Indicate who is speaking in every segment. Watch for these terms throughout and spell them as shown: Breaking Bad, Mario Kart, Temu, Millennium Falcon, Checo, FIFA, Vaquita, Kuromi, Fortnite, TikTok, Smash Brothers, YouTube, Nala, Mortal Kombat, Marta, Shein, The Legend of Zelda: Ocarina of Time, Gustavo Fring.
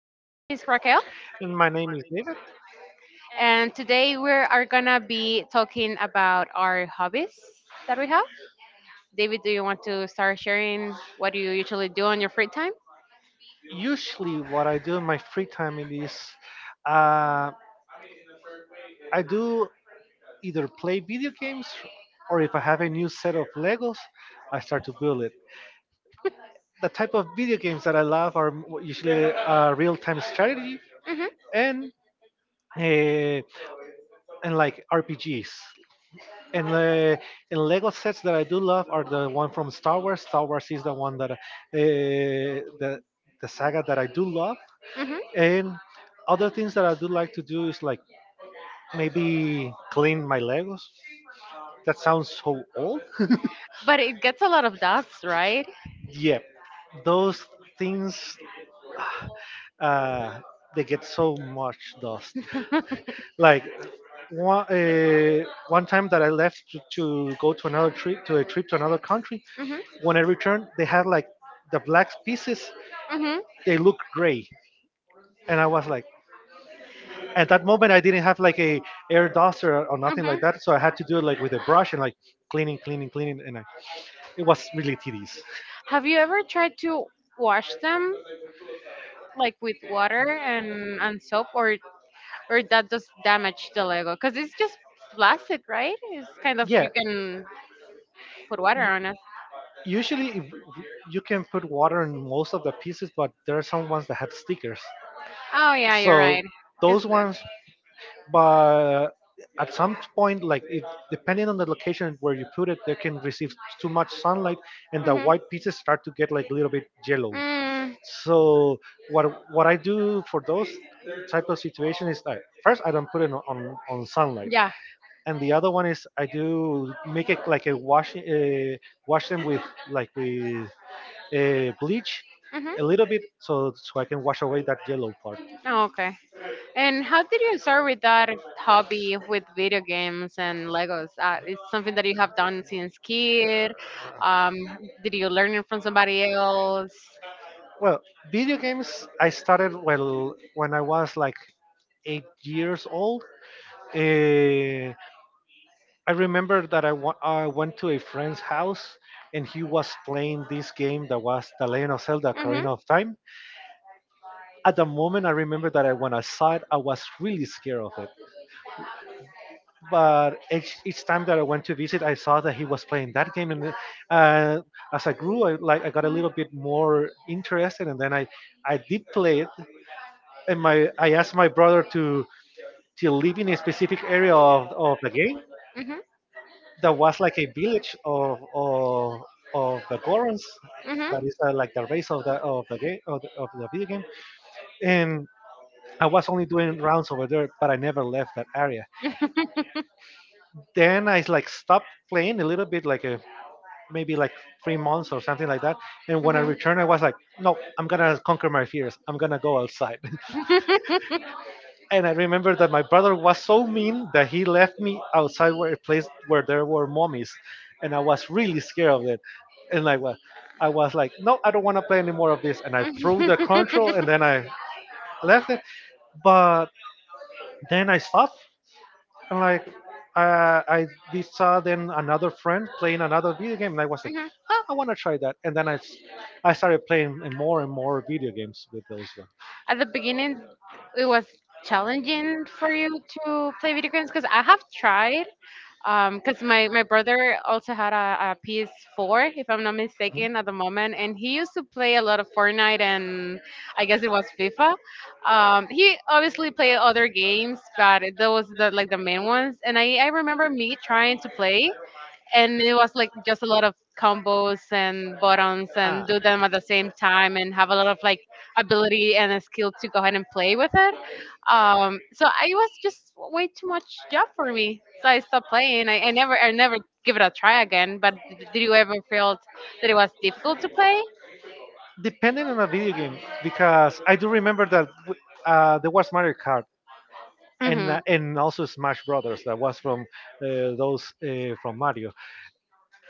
Speaker 1: Raquel,
Speaker 2: And my name is David.
Speaker 1: and today we are gonna be talking about our hobbies that we have. David, do you want to start sharing what you usually do on your free time?
Speaker 2: Usually, what I do in my free time it is uh, I do either play video games, or if I have a new set of Legos, I start to build it. The type of video games that I love are usually real time strategy
Speaker 1: Hmm.
Speaker 2: and uh, and like RPGs. And the and Lego sets that I do love are the one from Star Wars. Star Wars is the one that the the saga that I do love.
Speaker 1: Hmm.
Speaker 2: And other things that I do like to do is like maybe clean my Legos. That sounds so old.
Speaker 1: But it gets a lot of dust, right?
Speaker 2: Yeah, those things, uh, they get so much dust.
Speaker 1: Hmm.
Speaker 2: Like one time that I left to go to another trip to a trip to another country, when I returned, they had like the black pieces.
Speaker 1: Hmm.
Speaker 2: They look gray, and I was like, at that moment, I didn't have like a air duster or nothing
Speaker 1: Hmm.
Speaker 2: like that, so I had to do it like with a brush and like cleaning, and I, it was really tedious.
Speaker 1: Have you ever tried to wash them like with water and soap, or that does damage the Lego? Because it's just plastic, right? It's kind of
Speaker 2: Yeah.
Speaker 1: you can put water on it.
Speaker 2: Usually if- You can put water in most of the pieces, but there are some ones that have stickers.
Speaker 1: Oh yeah, you're
Speaker 2: So
Speaker 1: right.
Speaker 2: those
Speaker 1: It's good.
Speaker 2: ones, but at some point, like it, depending on the location where you put it, they can receive too much sunlight, and the
Speaker 1: Mhm.
Speaker 2: white pieces start to get like a little bit yellow.
Speaker 1: Mm,
Speaker 2: So what what I do for those type of situation is I, first I don't put it on, on sunlight,
Speaker 1: yeah.
Speaker 2: and the other one is I do make it like a wash, wash them with like with bleach
Speaker 1: Mhm.
Speaker 2: a little bit, so so I can wash away that yellow part.
Speaker 1: Oh, okay. And how did you start with that hobby with video games and Legos? It's something that you have done since kid. Um, did you learn it from somebody else?
Speaker 2: Well, video games I started, well, when I was like 8 years old. Uh, I remember that I went to a friend's house, and he was playing this game that was The Legend of Zelda:
Speaker 1: Mhm.
Speaker 2: Ocarina of Time. At the moment, I remember that I, when I saw it, I was really scared of it, but each time that I went to visit, I saw that he was playing that game, and uh, as I grew, I like I got a little bit more interested, and then I did play it, and my I asked my brother to live in a specific area of the game
Speaker 1: Mhm.
Speaker 2: that was like a village of the Gorons. That is, like the race of the game of the video game, and I was only doing rounds over there, but I never left that area. Then I like stopped playing a little bit, like a maybe like 3 months or something like that. And when I returned, I was like, no, I'm gonna conquer my fears. I'm gonna go outside. And I remember that my brother was so mean that he left me outside where a place where there were mummies, and I was really scared of it. And like, well, I was like, no, I don't want to play any more of this. And I threw the
Speaker 1: Hmm.
Speaker 2: control, and then I left it. But then I stopped. And like, I did
Speaker 1: Playing.
Speaker 2: saw then another friend playing another video game, and I was like,
Speaker 1: Way.
Speaker 2: ah, I want to try that. And then I started playing more and more video games with those ones.
Speaker 1: At the beginning, it was challenging for you to play video games because I have tried. Because my brother also had a PS4, if I'm not
Speaker 2: Mhm.
Speaker 1: mistaken, at the moment, and he used to play a lot of Fortnite, and I guess it was FIFA. He obviously played other games, but those the like the main ones. And I remember me trying to play, and it was like just a lot of combos and buttons
Speaker 2: Ah.
Speaker 1: and do them at the same time and have a lot of like ability and a skill to go ahead and play with it. So it was just way too much job for me, so I stopped playing I never give it a try again. But did you ever felt that it was difficult to play?
Speaker 2: Depending on a video game, because I do remember that there was Mario Kart
Speaker 1: Mm-hmm.
Speaker 2: and also Smash Brothers that was from those, from Mario.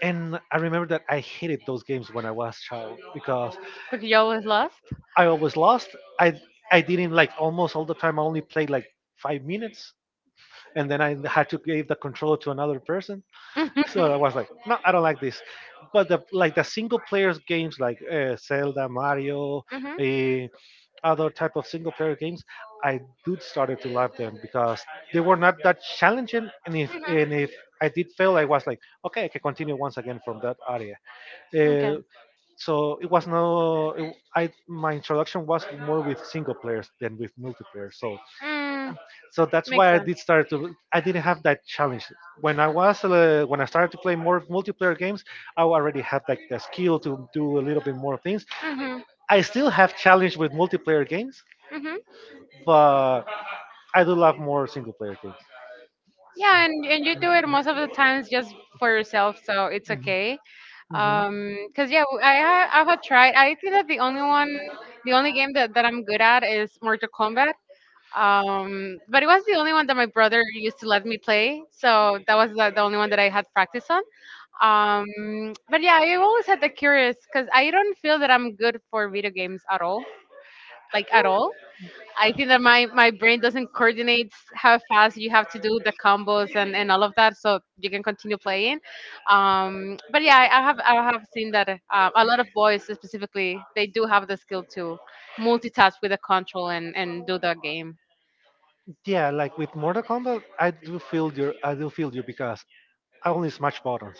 Speaker 2: And I remember that I hated those games when I was child because
Speaker 1: Because you always lost.
Speaker 2: I always lost. I didn't like almost all the time. I only played like 5 minutes, and then I had to give the controller to another person. So I
Speaker 1: Mm-hmm.
Speaker 2: was like, no, I don't like this. But the like the single players games like Zelda, Mario,
Speaker 1: Hmm.
Speaker 2: uh, other type of single player games, I do started to love them because they were not that challenging. And if I did fail, I was like, okay, I can continue once again from that area. Uh,
Speaker 1: Okay.
Speaker 2: so it was no, I my introduction was more with single players than with multiplayer. So
Speaker 1: mm,
Speaker 2: so that's
Speaker 1: Makes
Speaker 2: why I
Speaker 1: sense.
Speaker 2: did start to. I didn't have that challenge when I was when I started to play more multiplayer games. I already had like the skill to do a little bit more things.
Speaker 1: Hmm.
Speaker 2: I still have challenge with multiplayer games,
Speaker 1: Hmm.
Speaker 2: but I do love more single player games.
Speaker 1: Yeah, and you do it most of the times just for yourself, so it's
Speaker 2: Mhm,
Speaker 1: okay.
Speaker 2: mhm.
Speaker 1: Cause yeah, I have tried. I think that the only one, the only game that I'm good at is Mortal Kombat. But it was the only one that my brother used to let me play, so that was the only one that I had practice on. But yeah, I always had the curious, cause I don't feel that I'm good for video games at all, like at all. I think that my brain doesn't coordinate how fast you have to do the combos and all of that, so you can continue playing. But yeah, I have seen that a lot of boys specifically they do have the skill to multitask with the control and do the game.
Speaker 2: Yeah, like with Mortal Kombat, I do feel you. I do feel you because I only smash buttons.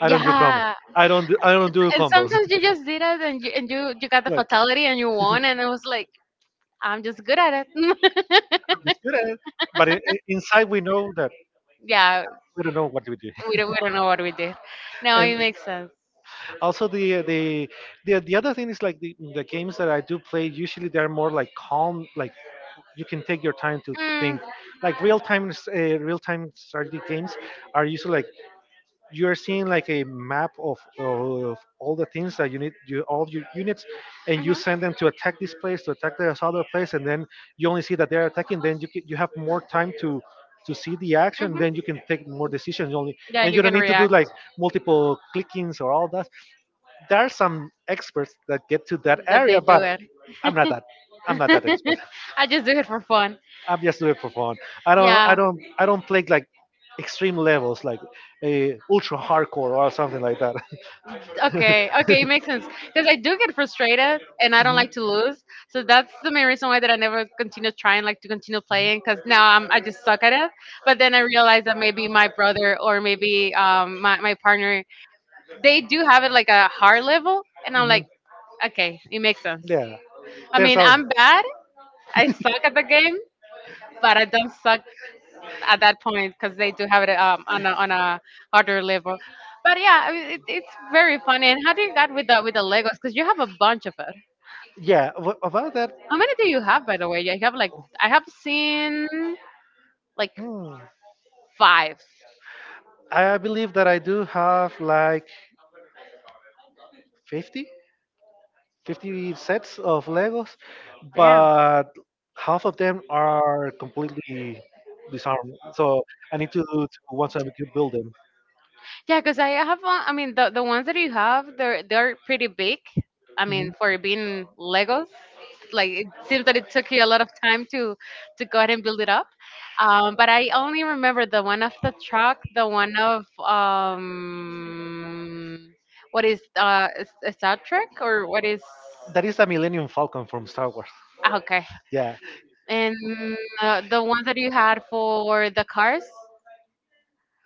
Speaker 2: I don't do combo.
Speaker 1: Yeah,
Speaker 2: I don't. Do, I don't do
Speaker 1: and
Speaker 2: combos.
Speaker 1: sometimes you just did it and you got the
Speaker 2: Look,
Speaker 1: fatality and you
Speaker 2: it's
Speaker 1: won, and it was like I'm just good at it.
Speaker 2: good at it, but inside we know that
Speaker 1: Yeah,
Speaker 2: we don't know what we do.
Speaker 1: we don't know what we did. No,
Speaker 2: And
Speaker 1: it makes sense.
Speaker 2: also the the other thing is like the games that I do play usually they're more like calm, like you can take your time to think. Like real time, real time strategy games are usually like you're seeing like a map of all the things that you need, you, all your units, and you send them to attack this place to attack this other place, and then you only see that they're attacking, then you have more time to see the action, then you can take more decisions only,
Speaker 1: Yeah,
Speaker 2: and
Speaker 1: you
Speaker 2: you don't
Speaker 1: can
Speaker 2: need to do
Speaker 1: react
Speaker 2: like multiple clickings or all that. There are some experts that get to that
Speaker 1: that
Speaker 2: area,
Speaker 1: they do
Speaker 2: but
Speaker 1: it.
Speaker 2: I'm not that, I'm not that expert.
Speaker 1: I just do it for fun.
Speaker 2: I'm just doing it for fun.
Speaker 1: Yeah.
Speaker 2: I don't play like extreme levels, like a ultra hardcore or something like that. Mhm.
Speaker 1: Okay. Okay. It makes sense because I do get frustrated and I don't like to lose. So that's the main reason why that I never continue trying, like to continue playing, because now I just suck at it. But then I realized that maybe my brother or maybe my partner, they do have it like a hard level, and I'm
Speaker 2: Mhm.
Speaker 1: like, okay, it makes sense.
Speaker 2: Yeah.
Speaker 1: I
Speaker 2: There's
Speaker 1: mean,
Speaker 2: all.
Speaker 1: I'm bad. I suck at the game, but I don't suck at that point because they do have it on a harder level. But yeah, I mean, it's very funny. And how do you got with the Legos? Because you have a bunch of it.
Speaker 2: Yeah. About that.
Speaker 1: How many do you have, by the way? You have like I have seen like
Speaker 2: hmm,
Speaker 1: five.
Speaker 2: I believe that I do have like 50. 50 sets of Legos,
Speaker 1: Damn.
Speaker 2: but half of them are completely disarmed. So I need to do to once I can build them.
Speaker 1: Yeah, because I have one. I mean, the ones that you have, they're pretty big. I mean,
Speaker 2: Mhm.
Speaker 1: for being Legos, like it seems that it took you a lot of time to go ahead and build it up. But I only remember the one of the truck, the one of what is is Star Trek or what is?
Speaker 2: That is a Millennium Falcon from Star Wars.
Speaker 1: Okay,
Speaker 2: Yeah.
Speaker 1: and the one that you had for the cars.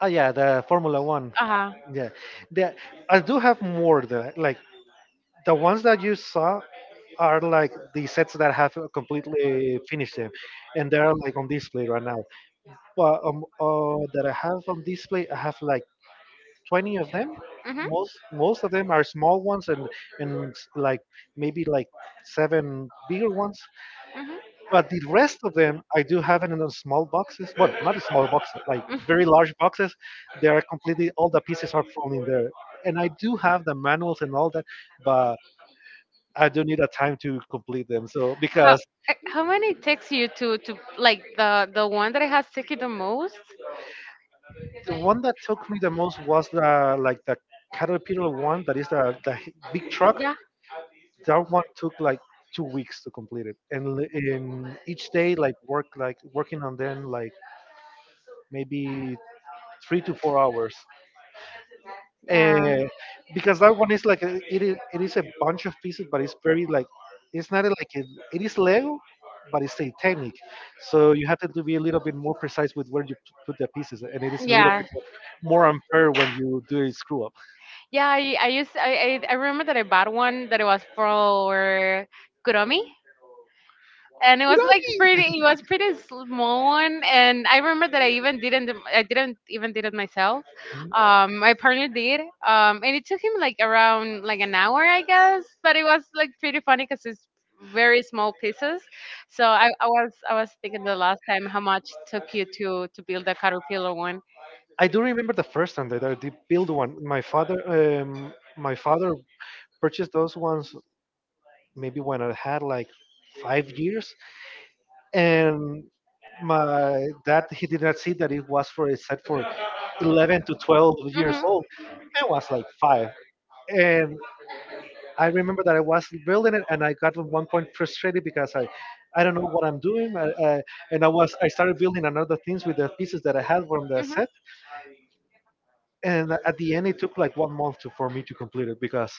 Speaker 2: Oh yeah, the Formula One.
Speaker 1: Uh huh.
Speaker 2: Yeah. The, I do have more the like the ones that you saw are like the sets that have completely finished them, and they're like on display right now. Well, that I have on display, I have like 20 of them.
Speaker 1: Mhm.
Speaker 2: Most of them are small ones, and like maybe like seven bigger ones.
Speaker 1: Hmm.
Speaker 2: But the rest of them I do have it in a small boxes. Well, not a small boxes, like very large boxes. They are completely, all the pieces are falling there. And I do have the manuals and all that, but I do need a time to complete them. So
Speaker 1: How,
Speaker 2: because
Speaker 1: how many takes you to, like the one that has taken the most?
Speaker 2: the one that took me the most was the like the caterpillar one that is the, big truck,
Speaker 1: Yeah,
Speaker 2: that one took like 2 weeks to complete it, and in each day like work like working on them like maybe 3 to 4 hours,
Speaker 1: yeah.
Speaker 2: and because that one is like it is a bunch of pieces, but it's very like, it's not like it is lego, but it's a technique, so you have to be a little bit more precise with where you put the pieces, and it is a little
Speaker 1: Yeah, like
Speaker 2: bit more unfair when you do a screw up.
Speaker 1: yeah. I remember that I bought one that it was for Kuromi, and it was
Speaker 2: What
Speaker 1: like pretty.
Speaker 2: I
Speaker 1: It was pretty small one, and I remember that I didn't even did it myself.
Speaker 2: mean?
Speaker 1: My partner did. And it took him like around like an hour I guess, but it was like pretty funny because it's very small pieces. So I was thinking the last time how much took you to build a caterpillar one.
Speaker 2: I do remember the first time that I did build one. My father purchased those ones maybe when I had like 5 years, and my dad he did not see that it was for a set for 11 to 12 years old. I
Speaker 1: Mhm.
Speaker 2: was like five, and I remember that I was building it, and I got at one point frustrated because I don't know what I'm doing, and I started building another things with the pieces that I had from the
Speaker 1: Mhm.
Speaker 2: set, and at the end it took like 1 month, to, for me to complete it, because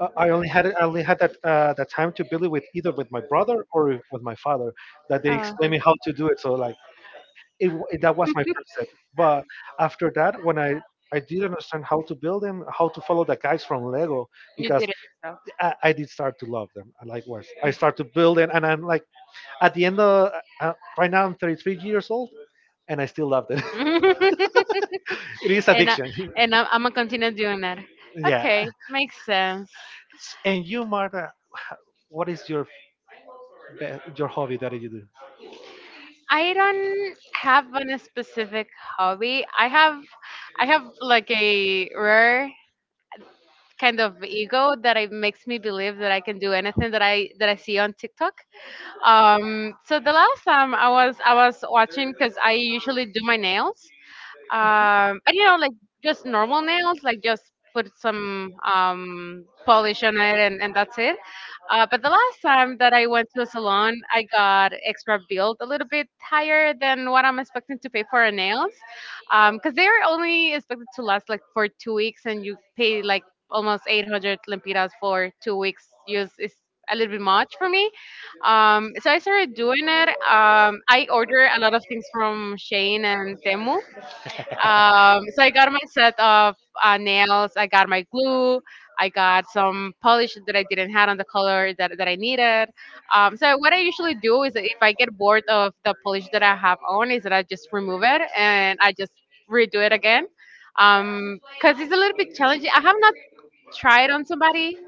Speaker 2: I only had that, that time to build it with either with my brother or with my father that they
Speaker 1: Uh,
Speaker 2: explained me how to do it, so like that was my first step. But after that, when I did understand how to build them, how to follow the guys from Lego,
Speaker 1: You
Speaker 2: because
Speaker 1: did it. So.
Speaker 2: I did start to love them. I like I start to build it, and I'm like at the end of right now I'm 33 years old, and I still love it. It is
Speaker 1: and I,
Speaker 2: addiction.
Speaker 1: and I'm gonna continue doing that.
Speaker 2: Yeah.
Speaker 1: Okay, makes sense.
Speaker 2: And you, Marta, what is your your hobby that you do?
Speaker 1: I don't have on a specific hobby. I have like a rare kind of ego that it makes me believe that I can do anything that I see on TikTok. So the last time I was watching cuz I usually do my nails, but like just normal nails like just put some polish on it, and that's it. But the last time that I went to a salon, I got extra billed a little bit higher than what I'm expecting to pay for a nails, because they're only expected to last like for 2 weeks and you pay like almost 800 lempiras for 2 weeks use is a little bit much for me. So I started doing it. I order a lot of things from Shane and Temu. So I got my set of nails. I got my glue. I got some polish that I didn't have on the color that I needed. So what I usually do is that if I get bored of the polish that I have on, is that I just remove it and I just redo it again. Cause it's a little bit challenging. I have not tried on somebody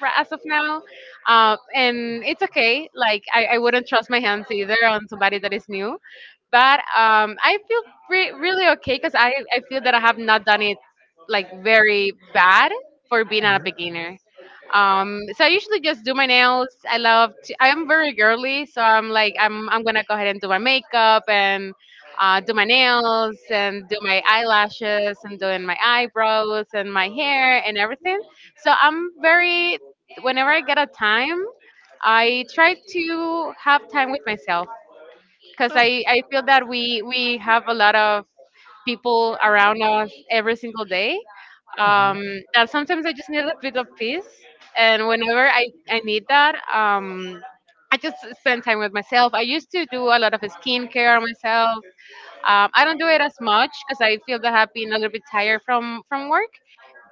Speaker 1: right as of now. And it's okay. Like I wouldn't trust my hands either on somebody that is new, but I feel really okay because I feel that I have not done it like very bad for being a
Speaker 2: Mhm.
Speaker 1: beginner. So I usually just do my nails. I love. I'm very girly, so I'm like I'm gonna go ahead and do my makeup and do my nails and do my eyelashes and doing my eyebrows and my hair and everything. So I'm very. Whenever I get a time, I try to have time with myself because
Speaker 2: Oh.
Speaker 1: I feel that we have a lot of people around us every single day,
Speaker 2: Mhm.
Speaker 1: um, that sometimes I just need a bit of peace, and whenever I need that I just spend time with myself. I used to do a lot of skincare on myself. I don't do it as much because I feel that I've been a little bit tired from work,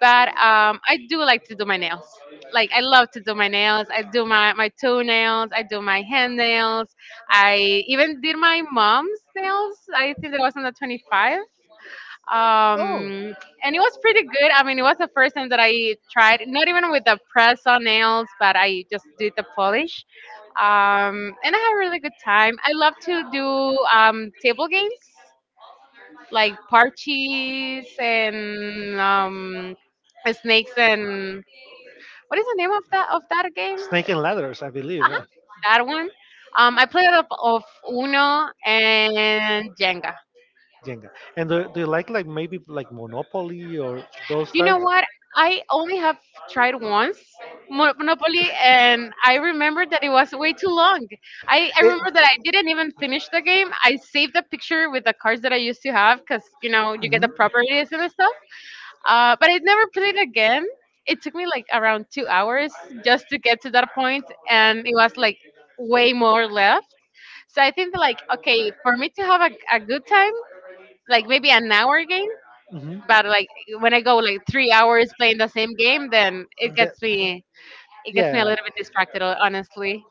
Speaker 1: but I do like to do my nails. Like I love to do my nails. I do my toenails. I do my hand nails. I even did my mom's nails. I think that was on the 25.
Speaker 2: Oh,
Speaker 1: Um, and it was pretty good. I mean, it was the first time that I tried, not even with the press on nails, but I just did the polish. And I had a really good time. I love to do table games like parches and snakes and what is the name of that game? Uh-huh,
Speaker 2: Snake and Ladders, I believe. Uh,
Speaker 1: that one. I played up of Uno and Jenga.
Speaker 2: Jenga. And do you like maybe like Monopoly or those
Speaker 1: You know
Speaker 2: types?
Speaker 1: what? I only have tried once Monopoly, and I remember that it was way too long. I
Speaker 2: It,
Speaker 1: remember that I didn't even finish the game. I saved a picture with the cards that I used to have because, you get the
Speaker 2: mhm.
Speaker 1: properties and stuff. But I never played again. It took me like around 2 hours just to get to that point, and it was like way more left. So I think like okay, for me to have a good time, like maybe an hour game,
Speaker 2: Mhm.
Speaker 1: but like when I go like 3 hours playing the same game, then it
Speaker 2: That-
Speaker 1: gets me a
Speaker 2: yeah.
Speaker 1: little bit distracted, honestly.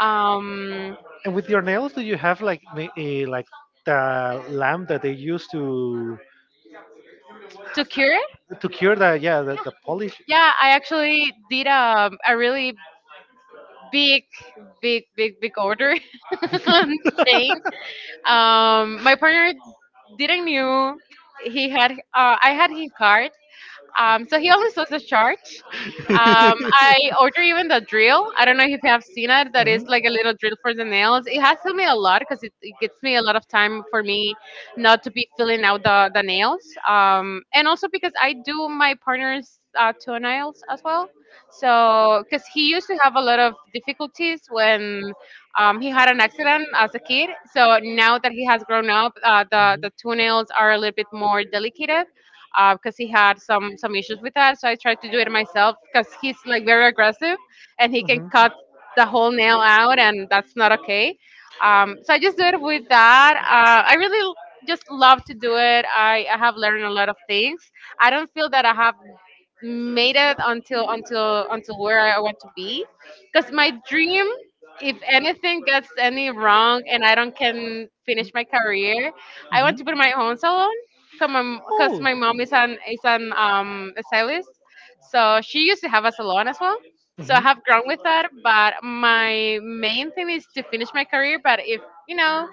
Speaker 1: Um,
Speaker 2: And with your nails, do you have like like the lamp that they use
Speaker 1: to cure it,
Speaker 2: to cure the yeah the polish?
Speaker 1: yeah, I actually did a really big, big, big, big order on Shane. My partner didn't knew he had. I had his card, so he only sells the chart. Um, I order even the drill. I don't know if you have seen it. That is
Speaker 2: Mhm.
Speaker 1: like a little drill for the nails. It has helped me a lot because it gets me a lot of time for me not to be filling out the nails. And also because I do my partner's toenails as well. So, because he used to have a lot of difficulties when he had an accident as a kid. So now that he has grown up, the toenails are a little bit more delicate because he had some issues with that. So I tried to do it myself because he's like very aggressive and he can cut the whole nail out, and that's not okay. So I just do it with that. Just love to do it. I have learned a lot of things. I don't feel that I have made it until where I want to be. Because my dream, if anything gets any wrong and I don't can finish my career, I want
Speaker 2: Mhm.
Speaker 1: to put my own salon. Because my mom is an a stylist, so she used to have a salon as well. So I
Speaker 2: Mhm. Oh.
Speaker 1: have grown with that, but my main thing is to finish my career. But if you know,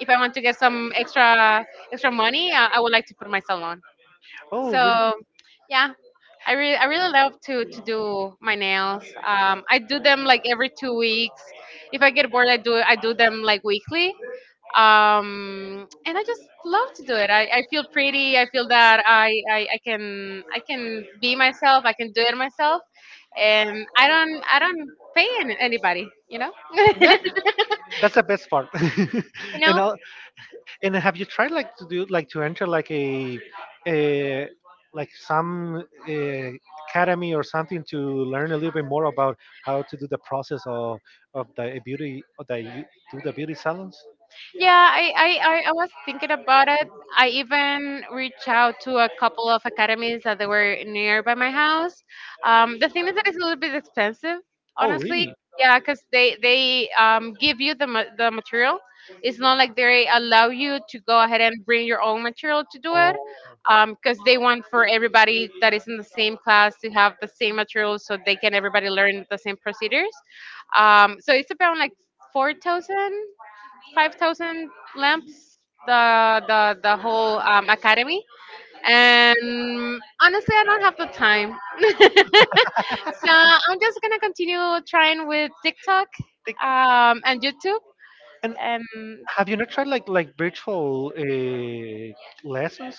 Speaker 1: if I want to get some extra money, I would like to put my salon.
Speaker 2: Oh, really?
Speaker 1: So yeah, I really love to do my nails. I do them like every 2 weeks. If I get bored, I do them like weekly. And I just love to do it. I feel pretty. I feel that I can be myself. I can do it myself, and I don't pay anybody. You know.
Speaker 2: Yeah, know. That's the best part. And
Speaker 1: Know.
Speaker 2: I'll, yeah. And have you tried like to do like to enter like a like some uh, academy or something to learn a little bit more about how to do the process of the beauty of the you do the beauty salons?
Speaker 1: Yeah, I was thinking about it. I even reached out to a couple of academies that they were nearby my house. The thing is that it's a little bit expensive,
Speaker 2: Oh,
Speaker 1: honestly.
Speaker 2: really?
Speaker 1: Yeah, because they give you the material. It's not like they allow you to go ahead and bring your own material to do it,
Speaker 2: Oh.
Speaker 1: because they want for everybody that is in the same class to have the same material so they can everybody learn the same procedures. So it's about like 4,000. 5,000 lamps the whole academy, and honestly, I don't have the time. So I'm just gonna continue trying with TikTok
Speaker 2: They-
Speaker 1: and YouTube
Speaker 2: And
Speaker 1: and
Speaker 2: have you not tried like virtual lessons?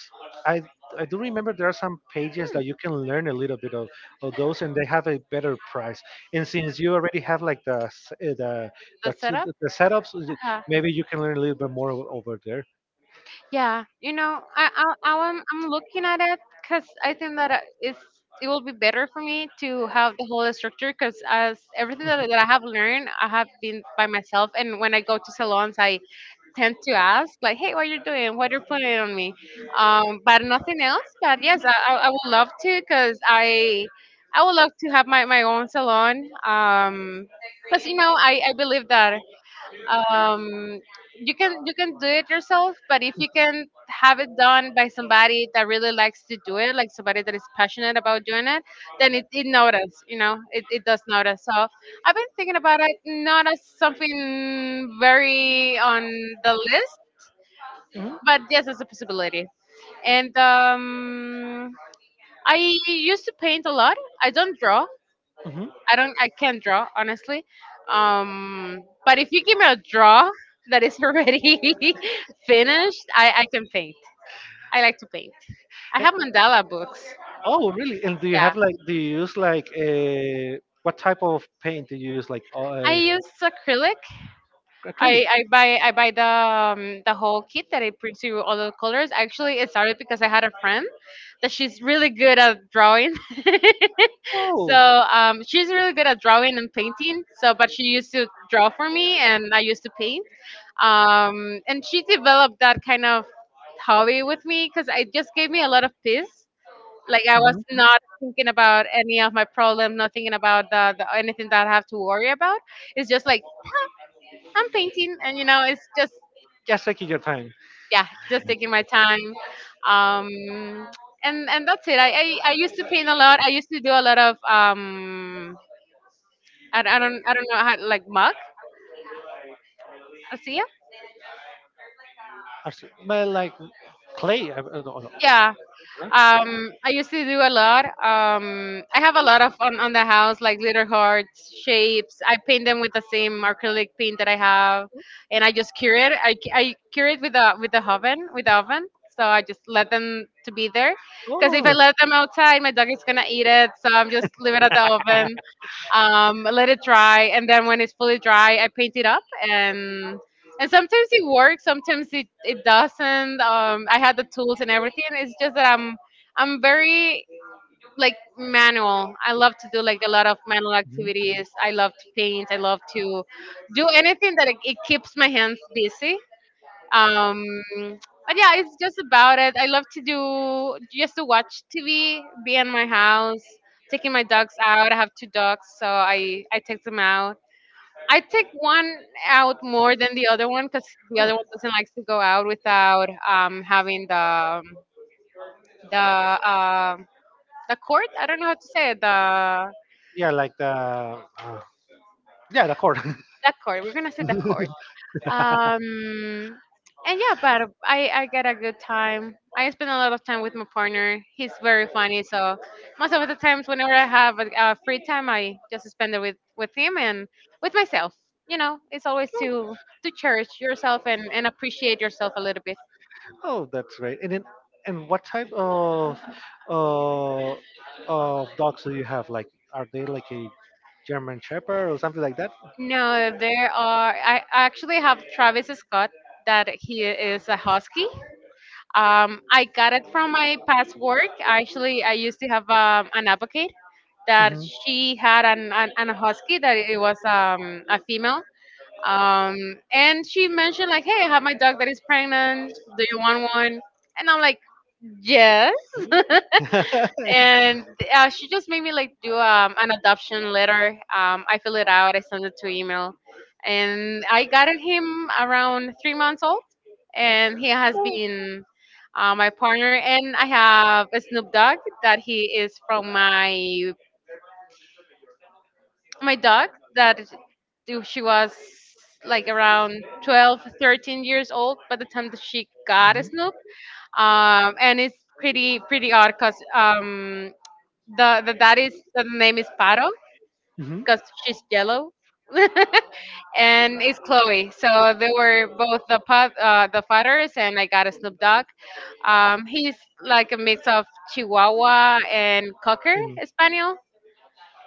Speaker 2: I I do remember there are some pages that
Speaker 1: hmm,
Speaker 2: you can learn a little bit of those, and they have a better price. And since you already have like the
Speaker 1: the setup.
Speaker 2: the setups,
Speaker 1: Uh-huh.
Speaker 2: maybe you can learn a little bit more over there.
Speaker 1: Yeah, you know, I'm looking at it because I think that it's it will be better for me to have the whole structure because as everything that, that I have learned, I have been by myself, and when I go to salons, I tend to ask like, "Hey, what you're doing? What you're putting on me?" But nothing else. But yes, I would love to because I would love to have my my own salon. Because you know I believe that um, you can do it yourself, but if you can have it done by somebody that really likes to do it, like somebody that is passionate about doing it, then it notice you know it, it does notice. So I've been thinking about it, not as something very on the list, but yes as a possibility.
Speaker 2: Mhm.
Speaker 1: And I used to paint a lot. I don't draw.
Speaker 2: Hmm.
Speaker 1: I can't draw, honestly. But if you give me a draw that is already finished, I can paint. I like to paint. I have mandala books.
Speaker 2: Oh, really? And do you
Speaker 1: Yeah,
Speaker 2: have like, do you use like, what type of paint do you use? Like,
Speaker 1: I use acrylic. I,
Speaker 2: acrylic?
Speaker 1: I buy I buy the whole kit that it prints you all the colors. Actually, it started because I had a friend that she's really good at drawing.
Speaker 2: Oh.
Speaker 1: She's really good at drawing and painting. So, but she used to draw for me, and I used to paint. Um, and she developed that kind of hobby with me because it just gave me a lot of peace. Like I was
Speaker 2: Mhm.
Speaker 1: not thinking about any of my problems, not thinking about the anything that I have to worry about. It's just like, "Huh, I'm painting," and you know, it's just
Speaker 2: Just taking your time.
Speaker 1: yeah, just taking my time. Um, and that's it. I, I used to paint a lot. I used to do a lot of um, I don't know how, like mug, I see ya.
Speaker 2: Actually, but like clay. I don't know.
Speaker 1: Yeah,
Speaker 2: Huh?
Speaker 1: um, I used to do a lot. I have a lot on the house, like little hearts, shapes. I paint them with the same acrylic paint that I have, and I just cure it. I cure it with the oven, with the oven. So I just let them to be there, because if I let them outside, my dog is gonna eat it. So I'm just leave it at the oven, let it dry, and then when it's fully dry, I paint it up, and sometimes it works, sometimes it it doesn't. I had the tools and everything. It's just that I'm very like manual. I love to do like a lot of manual activities. I love to paint. I love to do anything that it keeps my hands busy. um but yeah, it's just about it. I love to do just to watch TV, be in my house, taking my dogs out. I have two dogs, so I take them out. I take one out
Speaker 2: Oh.
Speaker 1: more than the other one, because the
Speaker 2: Mhm.
Speaker 1: other
Speaker 2: Oh.
Speaker 1: one doesn't like to go out without having the uh the cord. I don't know how to say it, the
Speaker 2: Yeah, like the yeah the cord.
Speaker 1: that cord, we're gonna say the cord. um and yeah, but I get a good time. I spend a lot of time with my partner. He's very funny, so most of the times whenever I have a free time, I just spend it with him and with myself. You know, it's always to cherish yourself and appreciate yourself a little bit.
Speaker 2: Oh, that's great. And then and what type uh, of dogs do you have? Like, are they like a German Shepherd or something like that?
Speaker 1: No, there are I actually have Travis Scott, that he is a husky. I got it from my past work. Actually, I used to have an advocate that
Speaker 2: Mhm.
Speaker 1: she had an husky that it was a female, um, and she mentioned like, "Hey, I have my dog that is pregnant, do you want one?" And I'm like, yes. And she just made me like do an adoption letter. I fill it out, I send it to email, and I got him around 3 months old. And he has been— my partner and I have a Snoop Dogg that he is from my my dog that is— do— she was like around 12 13 years old by the time that she got a
Speaker 2: Mhm.
Speaker 1: Snoop. And it's pretty pretty odd because the that is the name is Paro,
Speaker 2: Mhm.
Speaker 1: because she's yellow. And it's Chloe. So they were both the pup, the fathers, and I got a Snoop Dog. He's like a mix of Chihuahua and Cocker
Speaker 2: And
Speaker 1: Spaniel.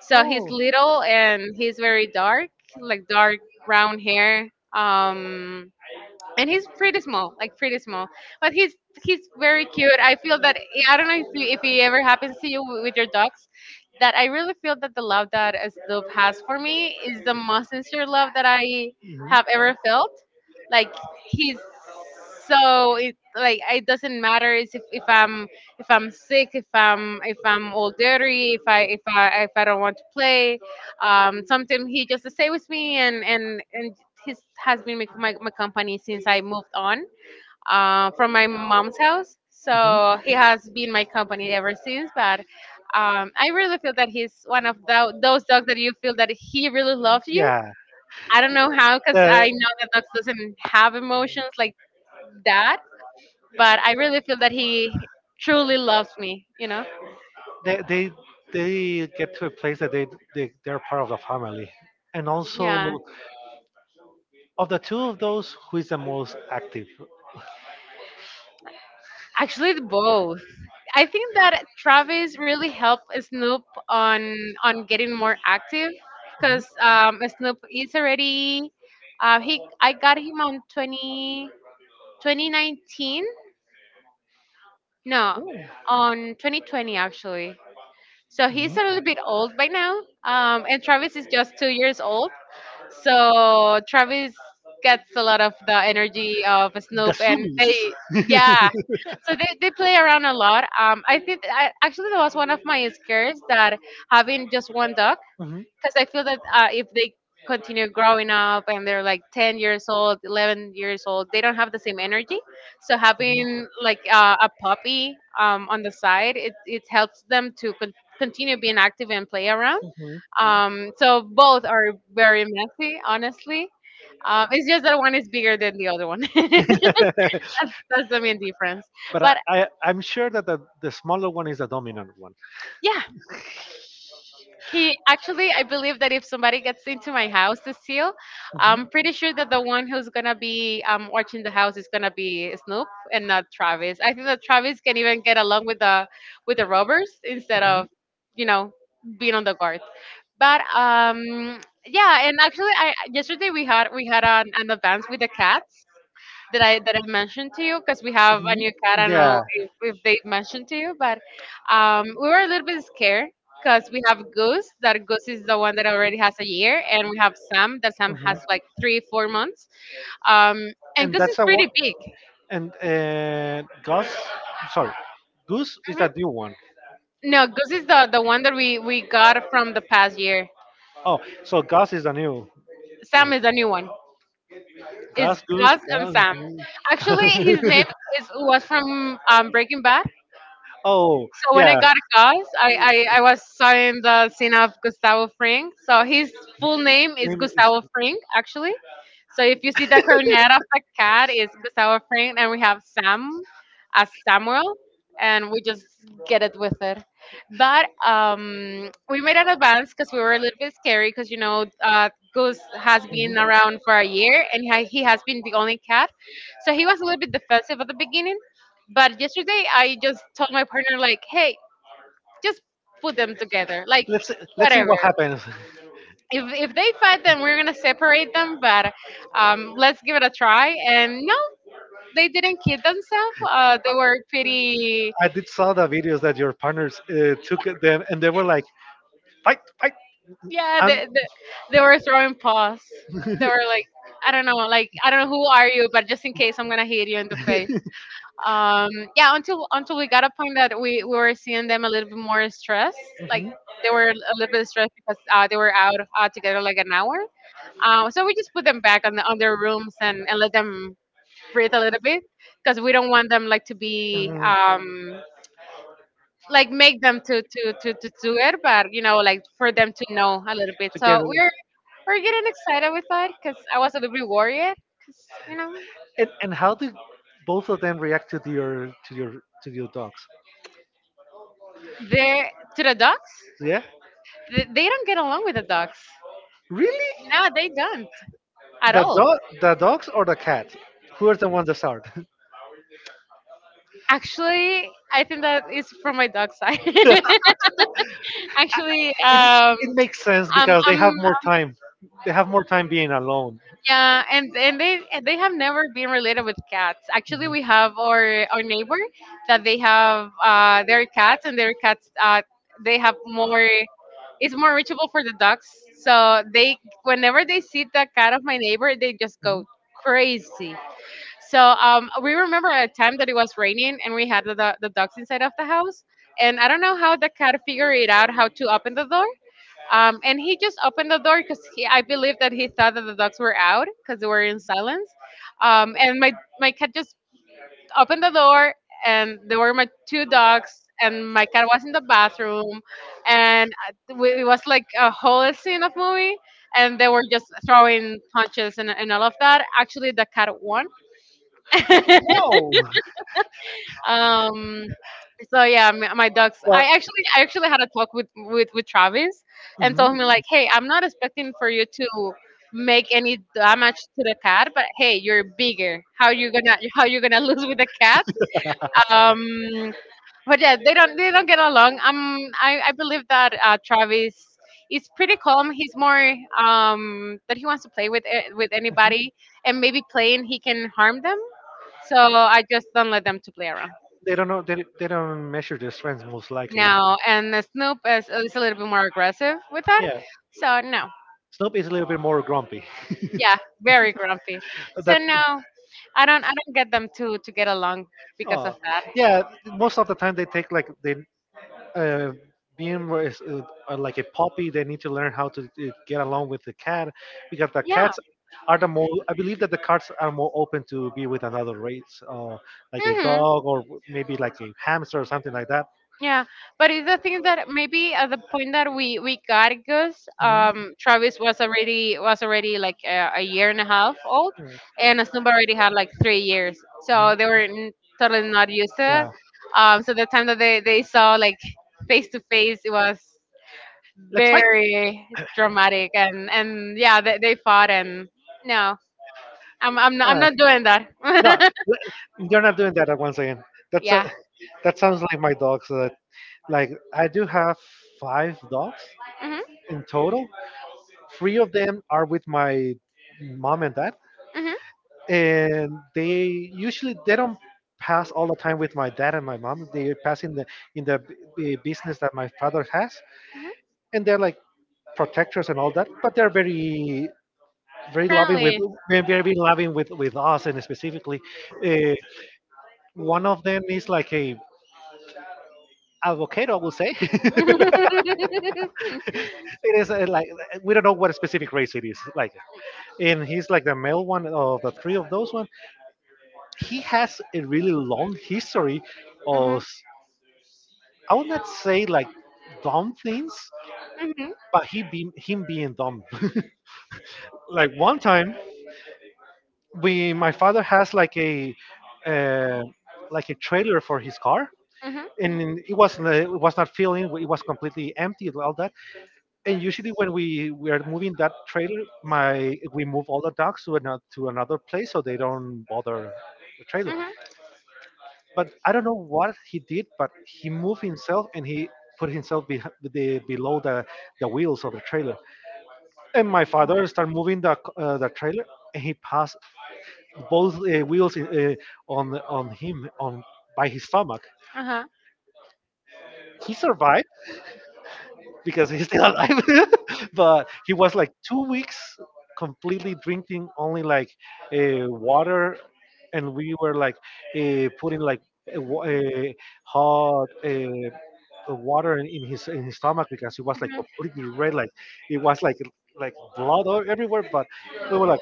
Speaker 1: So he's
Speaker 2: oh,
Speaker 1: little, and he's very dark, like dark brown hair. Um, and he's pretty small, like pretty small, but he's very cute. I feel that I don't know if you, if it ever happens to you with your dogs, that I really feel that the love that Snoop has for me is the most sincere love that I
Speaker 2: mhm,
Speaker 1: have ever felt. Like, he's so it like it doesn't matter is if I'm sick, if I'm all dirty, if I if I if I don't want to play, um, sometimes he just stay with me and his has been my, my company since I moved on from my mom's house. So
Speaker 2: mhm.
Speaker 1: he has been my company ever since. But um, I really feel that he's one of those dogs that you feel that he really loves you.
Speaker 2: Yeah.
Speaker 1: I don't know how, because
Speaker 2: The,
Speaker 1: I know that dogs doesn't have emotions like that, but I really feel that he truly loves me, you know.
Speaker 2: they they get to a place that they they're part of the family. And also,
Speaker 1: Yeah,
Speaker 2: of the two of those, who is the most active?
Speaker 1: actually both. I think that Travis really helped Snoop on on getting more active,
Speaker 2: Mhm.
Speaker 1: because Snoop is already he I got him on 20 2019. No,
Speaker 2: Oh.
Speaker 1: on 2020 actually. So he's
Speaker 2: Mhm.
Speaker 1: a little bit old by now. Um, and Travis is just 2 years old. So Travis gets a lot of the energy of
Speaker 2: The
Speaker 1: Snoop, and
Speaker 2: sumis.
Speaker 1: they yeah, so they play around a lot. I think actually that was one of my scares that having just one dog, because I feel that if they continue growing up and they're like 10 years old, 11 years old, they don't have the same energy. So having like a puppy on the side, it helps them to continue being active and play around.
Speaker 2: Mhm.
Speaker 1: So both are very messy, honestly. It's just that one is bigger than the other one. That's the main difference.
Speaker 2: But I,
Speaker 1: But
Speaker 2: I I'm sure that the smaller one is the dominant one.
Speaker 1: yeah, he actually, I believe that if somebody gets into my house to steal, I'm pretty sure that the one who's gonna be watching the house is gonna be Snoop and not Travis. I think that Travis can even get along with the robbers instead
Speaker 2: Mhm.
Speaker 1: of, you know, being on the guard. But yeah, and actually, I yesterday we had an advance with the cats that I mentioned to you because we have a
Speaker 2: Mhm.
Speaker 1: new cat. I don't know
Speaker 2: Yeah.
Speaker 1: if they mentioned to you, but we were a little bit scared because we have Goose. That Goose is the one that already has a year, and we have Sam. That Sam has
Speaker 2: Mhm.
Speaker 1: like three, four months. Um, and
Speaker 2: And
Speaker 1: Goose is
Speaker 2: that's a one.
Speaker 1: pretty big.
Speaker 2: And Gus, sorry, Goose is
Speaker 1: hmm
Speaker 2: a new one.
Speaker 1: No, Goose is the one that we got from the past year.
Speaker 2: Oh, so Gus is a new.
Speaker 1: Sam is a new one. It's
Speaker 2: That's good
Speaker 1: Gus
Speaker 2: stuff,
Speaker 1: and Sam.
Speaker 2: man.
Speaker 1: Actually, his name is was from Breaking Bad.
Speaker 2: Oh,
Speaker 1: So when I
Speaker 2: yeah.
Speaker 1: got a gas, I was seeing the scene of Gustavo Fring. So his full name is
Speaker 2: Name is-
Speaker 1: Gustavo Fring, actually. So if you see the cornet of the cat, it's Gustavo Fring, and we have Sam as Samuel, and we just get it with it. But we made an advance because we were a little bit scary because, you know, Goose has been around for a year and he has been the only cat. So he was a little bit defensive at the beginning. But yesterday I just told my partner like, hey, just put them
Speaker 2: Mhm.
Speaker 1: together, like
Speaker 2: Let's let's see
Speaker 1: whatever.
Speaker 2: what happens.
Speaker 1: If if they fight, then we're gonna separate them. But let's give it a try. And no, they didn't kid themselves. They were pretty.
Speaker 2: I did saw the videos that your partners took at them, and they were like, "Fight, fight!"
Speaker 1: Yeah,
Speaker 2: And
Speaker 1: they were throwing paws. They were like, I don't know, like I don't know who are you, but just in case I'm gonna hit you in the face. um yeah, until we got a point that we were seeing them a little bit more stressed like
Speaker 2: mhm.
Speaker 1: they were a little bit stressed because they were out together like an hour, so we just put them back on their rooms and let them breathe a little bit because we don't want them like to be
Speaker 2: Mhm.
Speaker 1: like make them to, to do it, but you know, like for them to know a little bit. So
Speaker 2: Together.
Speaker 1: we're getting excited with that because I was a little bit worried because you know
Speaker 2: And how do both of them react to your to your to your dogs?
Speaker 1: they're to the dogs,
Speaker 2: Yeah.
Speaker 1: they don't get along with the dogs.
Speaker 2: Really?
Speaker 1: No, they don't at
Speaker 2: The
Speaker 1: all.
Speaker 2: dog, the dogs or the cat? Who are the ones that start?
Speaker 1: Actually, I think that is from my dog side.
Speaker 2: it,
Speaker 1: Actually,
Speaker 2: it makes sense
Speaker 1: I'm,
Speaker 2: because they
Speaker 1: I'm,
Speaker 2: have more time. They have more time being alone.
Speaker 1: yeah, and they have never been related with cats. Actually, we have our neighbor that they have their cats, and their cats they have more. It's more reachable for the dogs, so they whenever they see the cat of my neighbor, they just
Speaker 2: Mhm.
Speaker 1: go crazy. We remember a time that it was raining and we had the dogs inside of the house. And I don't know how the cat figured it out how to open the door. And he just opened the door because I believe that he thought that the dogs were out because they were in silence. Um, and my, my cat just opened the door and there were my two dogs and my cat was in the bathroom and it was like a whole scene of movie and they were just throwing punches and all of that. Actually the cat won.
Speaker 2: No.
Speaker 1: Um, so yeah, my dogs.
Speaker 2: Well,
Speaker 1: I actually had a talk with with Travis, and told
Speaker 2: mhm.
Speaker 1: him like, hey, I'm not expecting for you to make any damage to the cat, but hey, you're bigger. How you gonna lose with the cat? Um, but yeah, they don't get along. I believe that Travis is pretty calm. He's more that he wants to play with with anybody, and maybe playing he can harm them. So I just don't let them to play around.
Speaker 2: They don't know. They don't measure their strengths most no, likely.
Speaker 1: No, and the Snoop is a little bit more aggressive with that.
Speaker 2: Yeah,
Speaker 1: So no,
Speaker 2: Snoop is a little bit more grumpy.
Speaker 1: yeah, very grumpy. So
Speaker 2: That.
Speaker 1: no, I don't get them to get along because of
Speaker 2: Oh.
Speaker 1: that.
Speaker 2: Yeah, most of the time they take like they uh, being where it's, like a puppy, they need to learn how to get along with the cat because the
Speaker 1: Yeah.
Speaker 2: cats are the more. I believe that the cats are more open to be with another race, like a
Speaker 1: hmm
Speaker 2: dog or maybe like a hamster or something like that.
Speaker 1: Yeah. But it's the thing that maybe at the point that we got Gus, Travis was already like a year and a half old,
Speaker 2: Yeah,
Speaker 1: and Snoop already had like 3 years, so they were totally not used to it.
Speaker 2: yeah.
Speaker 1: So the time that they saw like face to face, it was
Speaker 2: Let's fight.
Speaker 1: very dramatic and yeah, they fought and no, I'm
Speaker 2: Uh,
Speaker 1: not doing that.
Speaker 2: no, l- you're not doing that once again. That's
Speaker 1: Yeah.
Speaker 2: a, that sounds like my dogs. Like I do have five dogs
Speaker 1: hmm
Speaker 2: in total. Three of them are with my mom and dad
Speaker 1: hmm
Speaker 2: and they usually they don't pass all the time with my dad and my mom. They pass in the business that my father has,
Speaker 1: hmm
Speaker 2: and they're like protectors and all that, but they're very very loving with
Speaker 1: Friendly.
Speaker 2: very very loving with us. And specifically uh, one of them is like a avocado, I will say. It
Speaker 1: hmm
Speaker 2: is like we don't know what specific race it is, like, and he's like the male one of the three of those one. He has a really long history of, I would not say like dumb things, but he be, him being dumb. Like one time, we my father has uh, like a trailer for his car,
Speaker 1: hmm hmm
Speaker 2: and it was not filling. It was completely empty and all that. And usually when we are moving that trailer, my we move all the dogs to another place so they don't bother the trailer. But I don't know what he did, but he moved himself and he put
Speaker 1: hmm
Speaker 2: himself below the wheels of the trailer, and my father started moving the the trailer, and he passed both wheels in, on him on by his stomach.
Speaker 1: Uh huh.
Speaker 2: He survived, because he's still alive. But he was like 2 weeks completely drinking only like water, and we were like
Speaker 1: hmm
Speaker 2: putting like uh, wa- uh, hot, water in his stomach because he was like completely red, like it was like blood all- everywhere. But we were like,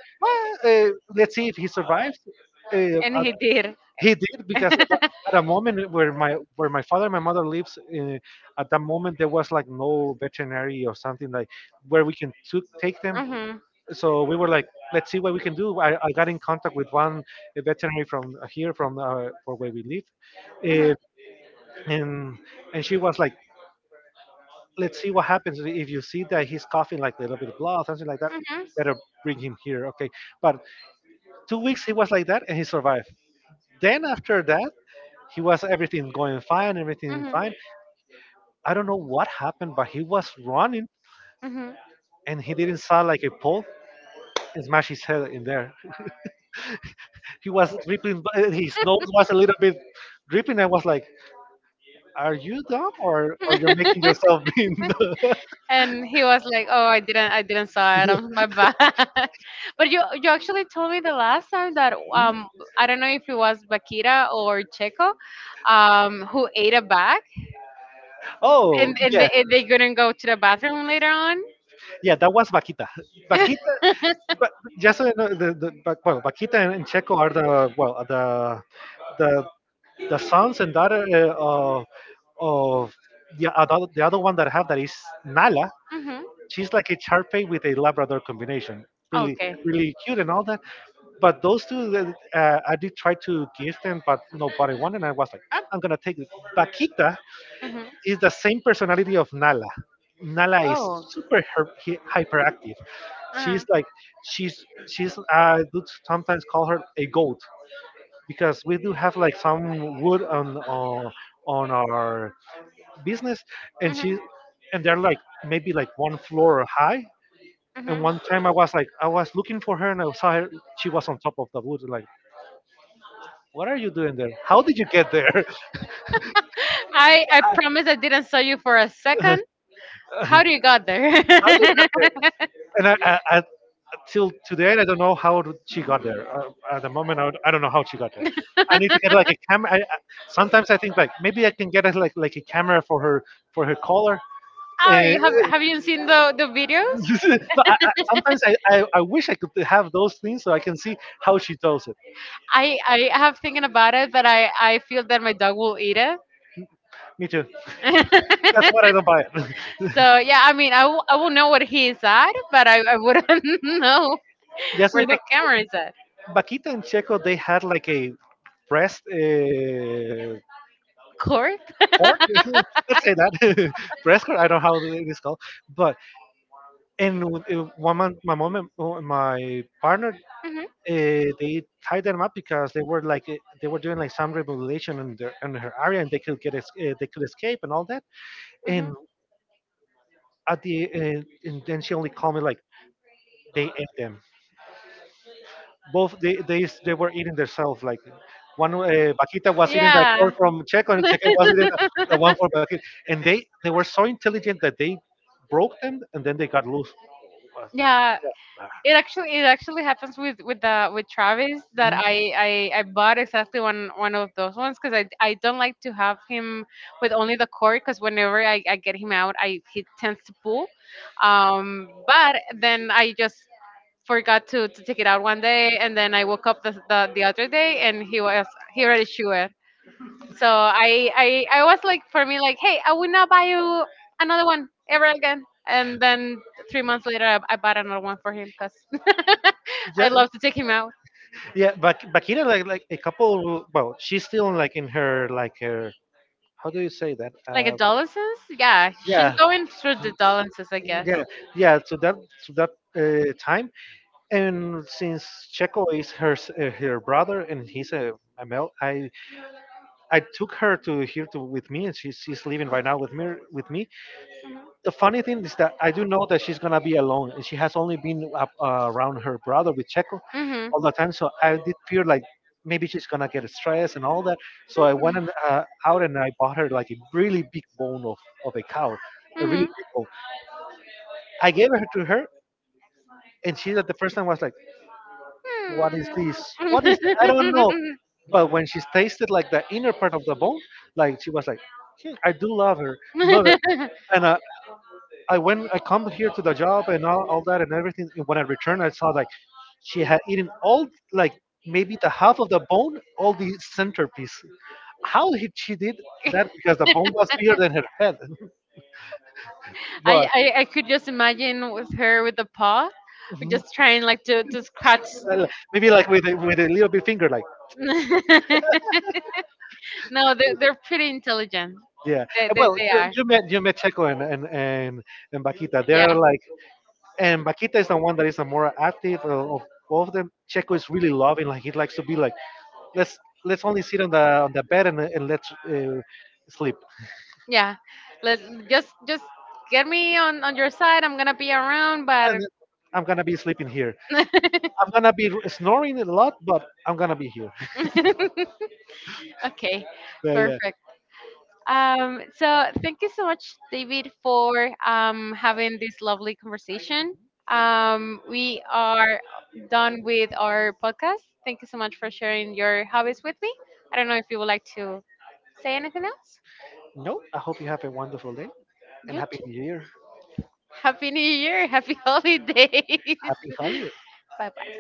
Speaker 2: "Ah, let's see if he survives, uh,
Speaker 1: did.
Speaker 2: he did," because at that, at a moment where my father and my mother lives, at that moment there was like no veterinary or something like where we can took take them. So we were like, let's see what we can do. I got in contact with one veterinary from here from for where we live, uh, and and she was like, let's see what happens. If you see that he's coughing like a little bit of blood, something like that, better bring him here, okay? But 2 weeks he was like that and he survived. Then after that he was everything going fine,
Speaker 1: Mhm.
Speaker 2: everything
Speaker 1: Mhm.
Speaker 2: fine. I don't know what happened, but he was running
Speaker 1: Mhm.
Speaker 2: and he didn't saw like a pole and smash his head in there. He was dripping, his nose was a little bit dripping. I was like, "Are you dumb or you're making yourself being dumb?"
Speaker 1: And he was like, "Oh, I didn't saw it. I'm my bad." But you actually told me the last time that I don't know if it was Bakira or Checo, who ate a bag,
Speaker 2: Oh
Speaker 1: and
Speaker 2: yeah,
Speaker 1: and they couldn't go to the bathroom later on.
Speaker 2: yeah, that was Vaquita. Vaquita, but just so you know, the but, well, Vaquita and Checo are the well the the sons and daughter of the other one that I have that is Nala.
Speaker 1: Mm-hmm.
Speaker 2: She's like a Charpey with a Labrador combination. Really,
Speaker 1: Okay.
Speaker 2: really cute and all that. But those two, I did try to give them, but nobody wanted. And I was like, I'm going to take it. Bakita
Speaker 1: Mm-hmm.
Speaker 2: is the same personality of Nala. Nala is
Speaker 1: Oh. Uh-huh.
Speaker 2: super hyperactive.
Speaker 1: Mm-hmm.
Speaker 2: She's like, she's, I do sometimes call her a goat because we do have like some wood on our business. And she, and they're like maybe like one floor high, and
Speaker 1: Mm-hmm.
Speaker 2: one time I was like, I was looking for her and I saw her. She was on top of the wood. Like, what are you doing there? How did you get there?
Speaker 1: I promise I didn't saw you for a second.
Speaker 2: How
Speaker 1: How do
Speaker 2: did
Speaker 1: you got there?
Speaker 2: you get there? And I, till today, I don't know how she got there. At the moment, I don't know how she got there. I need to get like a camera. Sometimes I think like maybe I can get a, like a camera for her collar. Uh,
Speaker 1: Ari, have you seen the videos?
Speaker 2: but sometimes I wish I could have those things so I can see how she does it.
Speaker 1: I have thinking about it, but I feel that my dog will eat it.
Speaker 2: Me too. That's why I don't buy it.
Speaker 1: So yeah, I mean, I will know what he is at, but I wouldn't know
Speaker 2: Yes,
Speaker 1: where
Speaker 2: you know,
Speaker 1: the camera is at.
Speaker 2: Vaquita and Checo they had like a breast
Speaker 1: Court.
Speaker 2: court. Let's say that breast court. I don't know how it is called, but and w- one man, my mom and oh, and my partner
Speaker 1: hmm
Speaker 2: uh, they tied them up because they were like they were doing like some revelation in their in her area and they could they could escape and all that.
Speaker 1: hmm
Speaker 2: And at the and then she only called me like they ate them. Both they were eating themselves. Like one Paquita was eating the corn
Speaker 1: Yeah.
Speaker 2: from Checo, and Checo was eating the one for Paquita. And they were so intelligent that they broke them, and then they got loose. Was-
Speaker 1: Yeah,
Speaker 2: ah,
Speaker 1: it actually happens with the with Travis that
Speaker 2: mhm.
Speaker 1: I bought exactly one of those ones because I don't like to have him with only the cord because whenever I get him out I he tends to pull, but then I just forgot to take it out one day and then I woke up the other day and he already chewed. So I was like for me like, hey, I will not buy you another one ever again. And then 3 months later I bought another one for him because I
Speaker 2: Yeah,
Speaker 1: love to take him out.
Speaker 2: yeah. But Bakira, like a couple. Well, she's still like in her like her. How do you say that?
Speaker 1: Like adolescence, yeah, she's
Speaker 2: Yeah,
Speaker 1: going through the adolescence, I guess.
Speaker 2: yeah yeah to that time. And since Checo is her brother and he's a male, I took her to here to with me, and she's living right now with me with me. The funny thing is that I do know that she's gonna be alone, and she has only been up, around her brother with Checo
Speaker 1: Mhm.
Speaker 2: all the time. So I did fear like maybe she's gonna get stressed and all that. So I
Speaker 1: Mhm.
Speaker 2: went and, out and I bought her like a really big bone of a cow, a really
Speaker 1: Mhm.
Speaker 2: big bone. I gave it to her, and she at the first time was like, "What is this?
Speaker 1: Hmm.
Speaker 2: What is that? I don't know." But when she tasted like the inner part of the bone, like she was like, hmm, "I do love her, love it." And I went, I come here to the job and all that and everything. And when I returned, I saw like she had eaten all like maybe the half of the bone, all the centerpiece. How he, she did that? Because the bone was bigger than her head. But
Speaker 1: I could just imagine with her with the paw,
Speaker 2: mhm,
Speaker 1: just trying like to scratch.
Speaker 2: well, maybe like with a little bit finger, like
Speaker 1: No, they're pretty intelligent.
Speaker 2: yeah. And, well,
Speaker 1: They are.
Speaker 2: you met Checo and and Vaquita.
Speaker 1: Yeah,
Speaker 2: They're like, and Vaquita is the one that is the more active of both of them. Checo is really loving. Like he likes to be like, let's let's only sit on the bed and let's sleep.
Speaker 1: yeah. Let just get me on your side. I'm gonna be around,
Speaker 2: And
Speaker 1: but
Speaker 2: I'm gonna be sleeping here. I'm gonna be snoring a lot, but I'm gonna be here.
Speaker 1: okay,
Speaker 2: But yeah.
Speaker 1: perfect. So thank you so much, David, for having this lovely conversation. We are done with our podcast. Thank you so much for sharing your hobbies with me. I don't know if you would like to say anything else.
Speaker 2: No, I hope you have a wonderful day and
Speaker 1: You
Speaker 2: happy New Year.
Speaker 1: happy New Year, happy holidays.
Speaker 2: Happy holidays.
Speaker 1: Bye bye.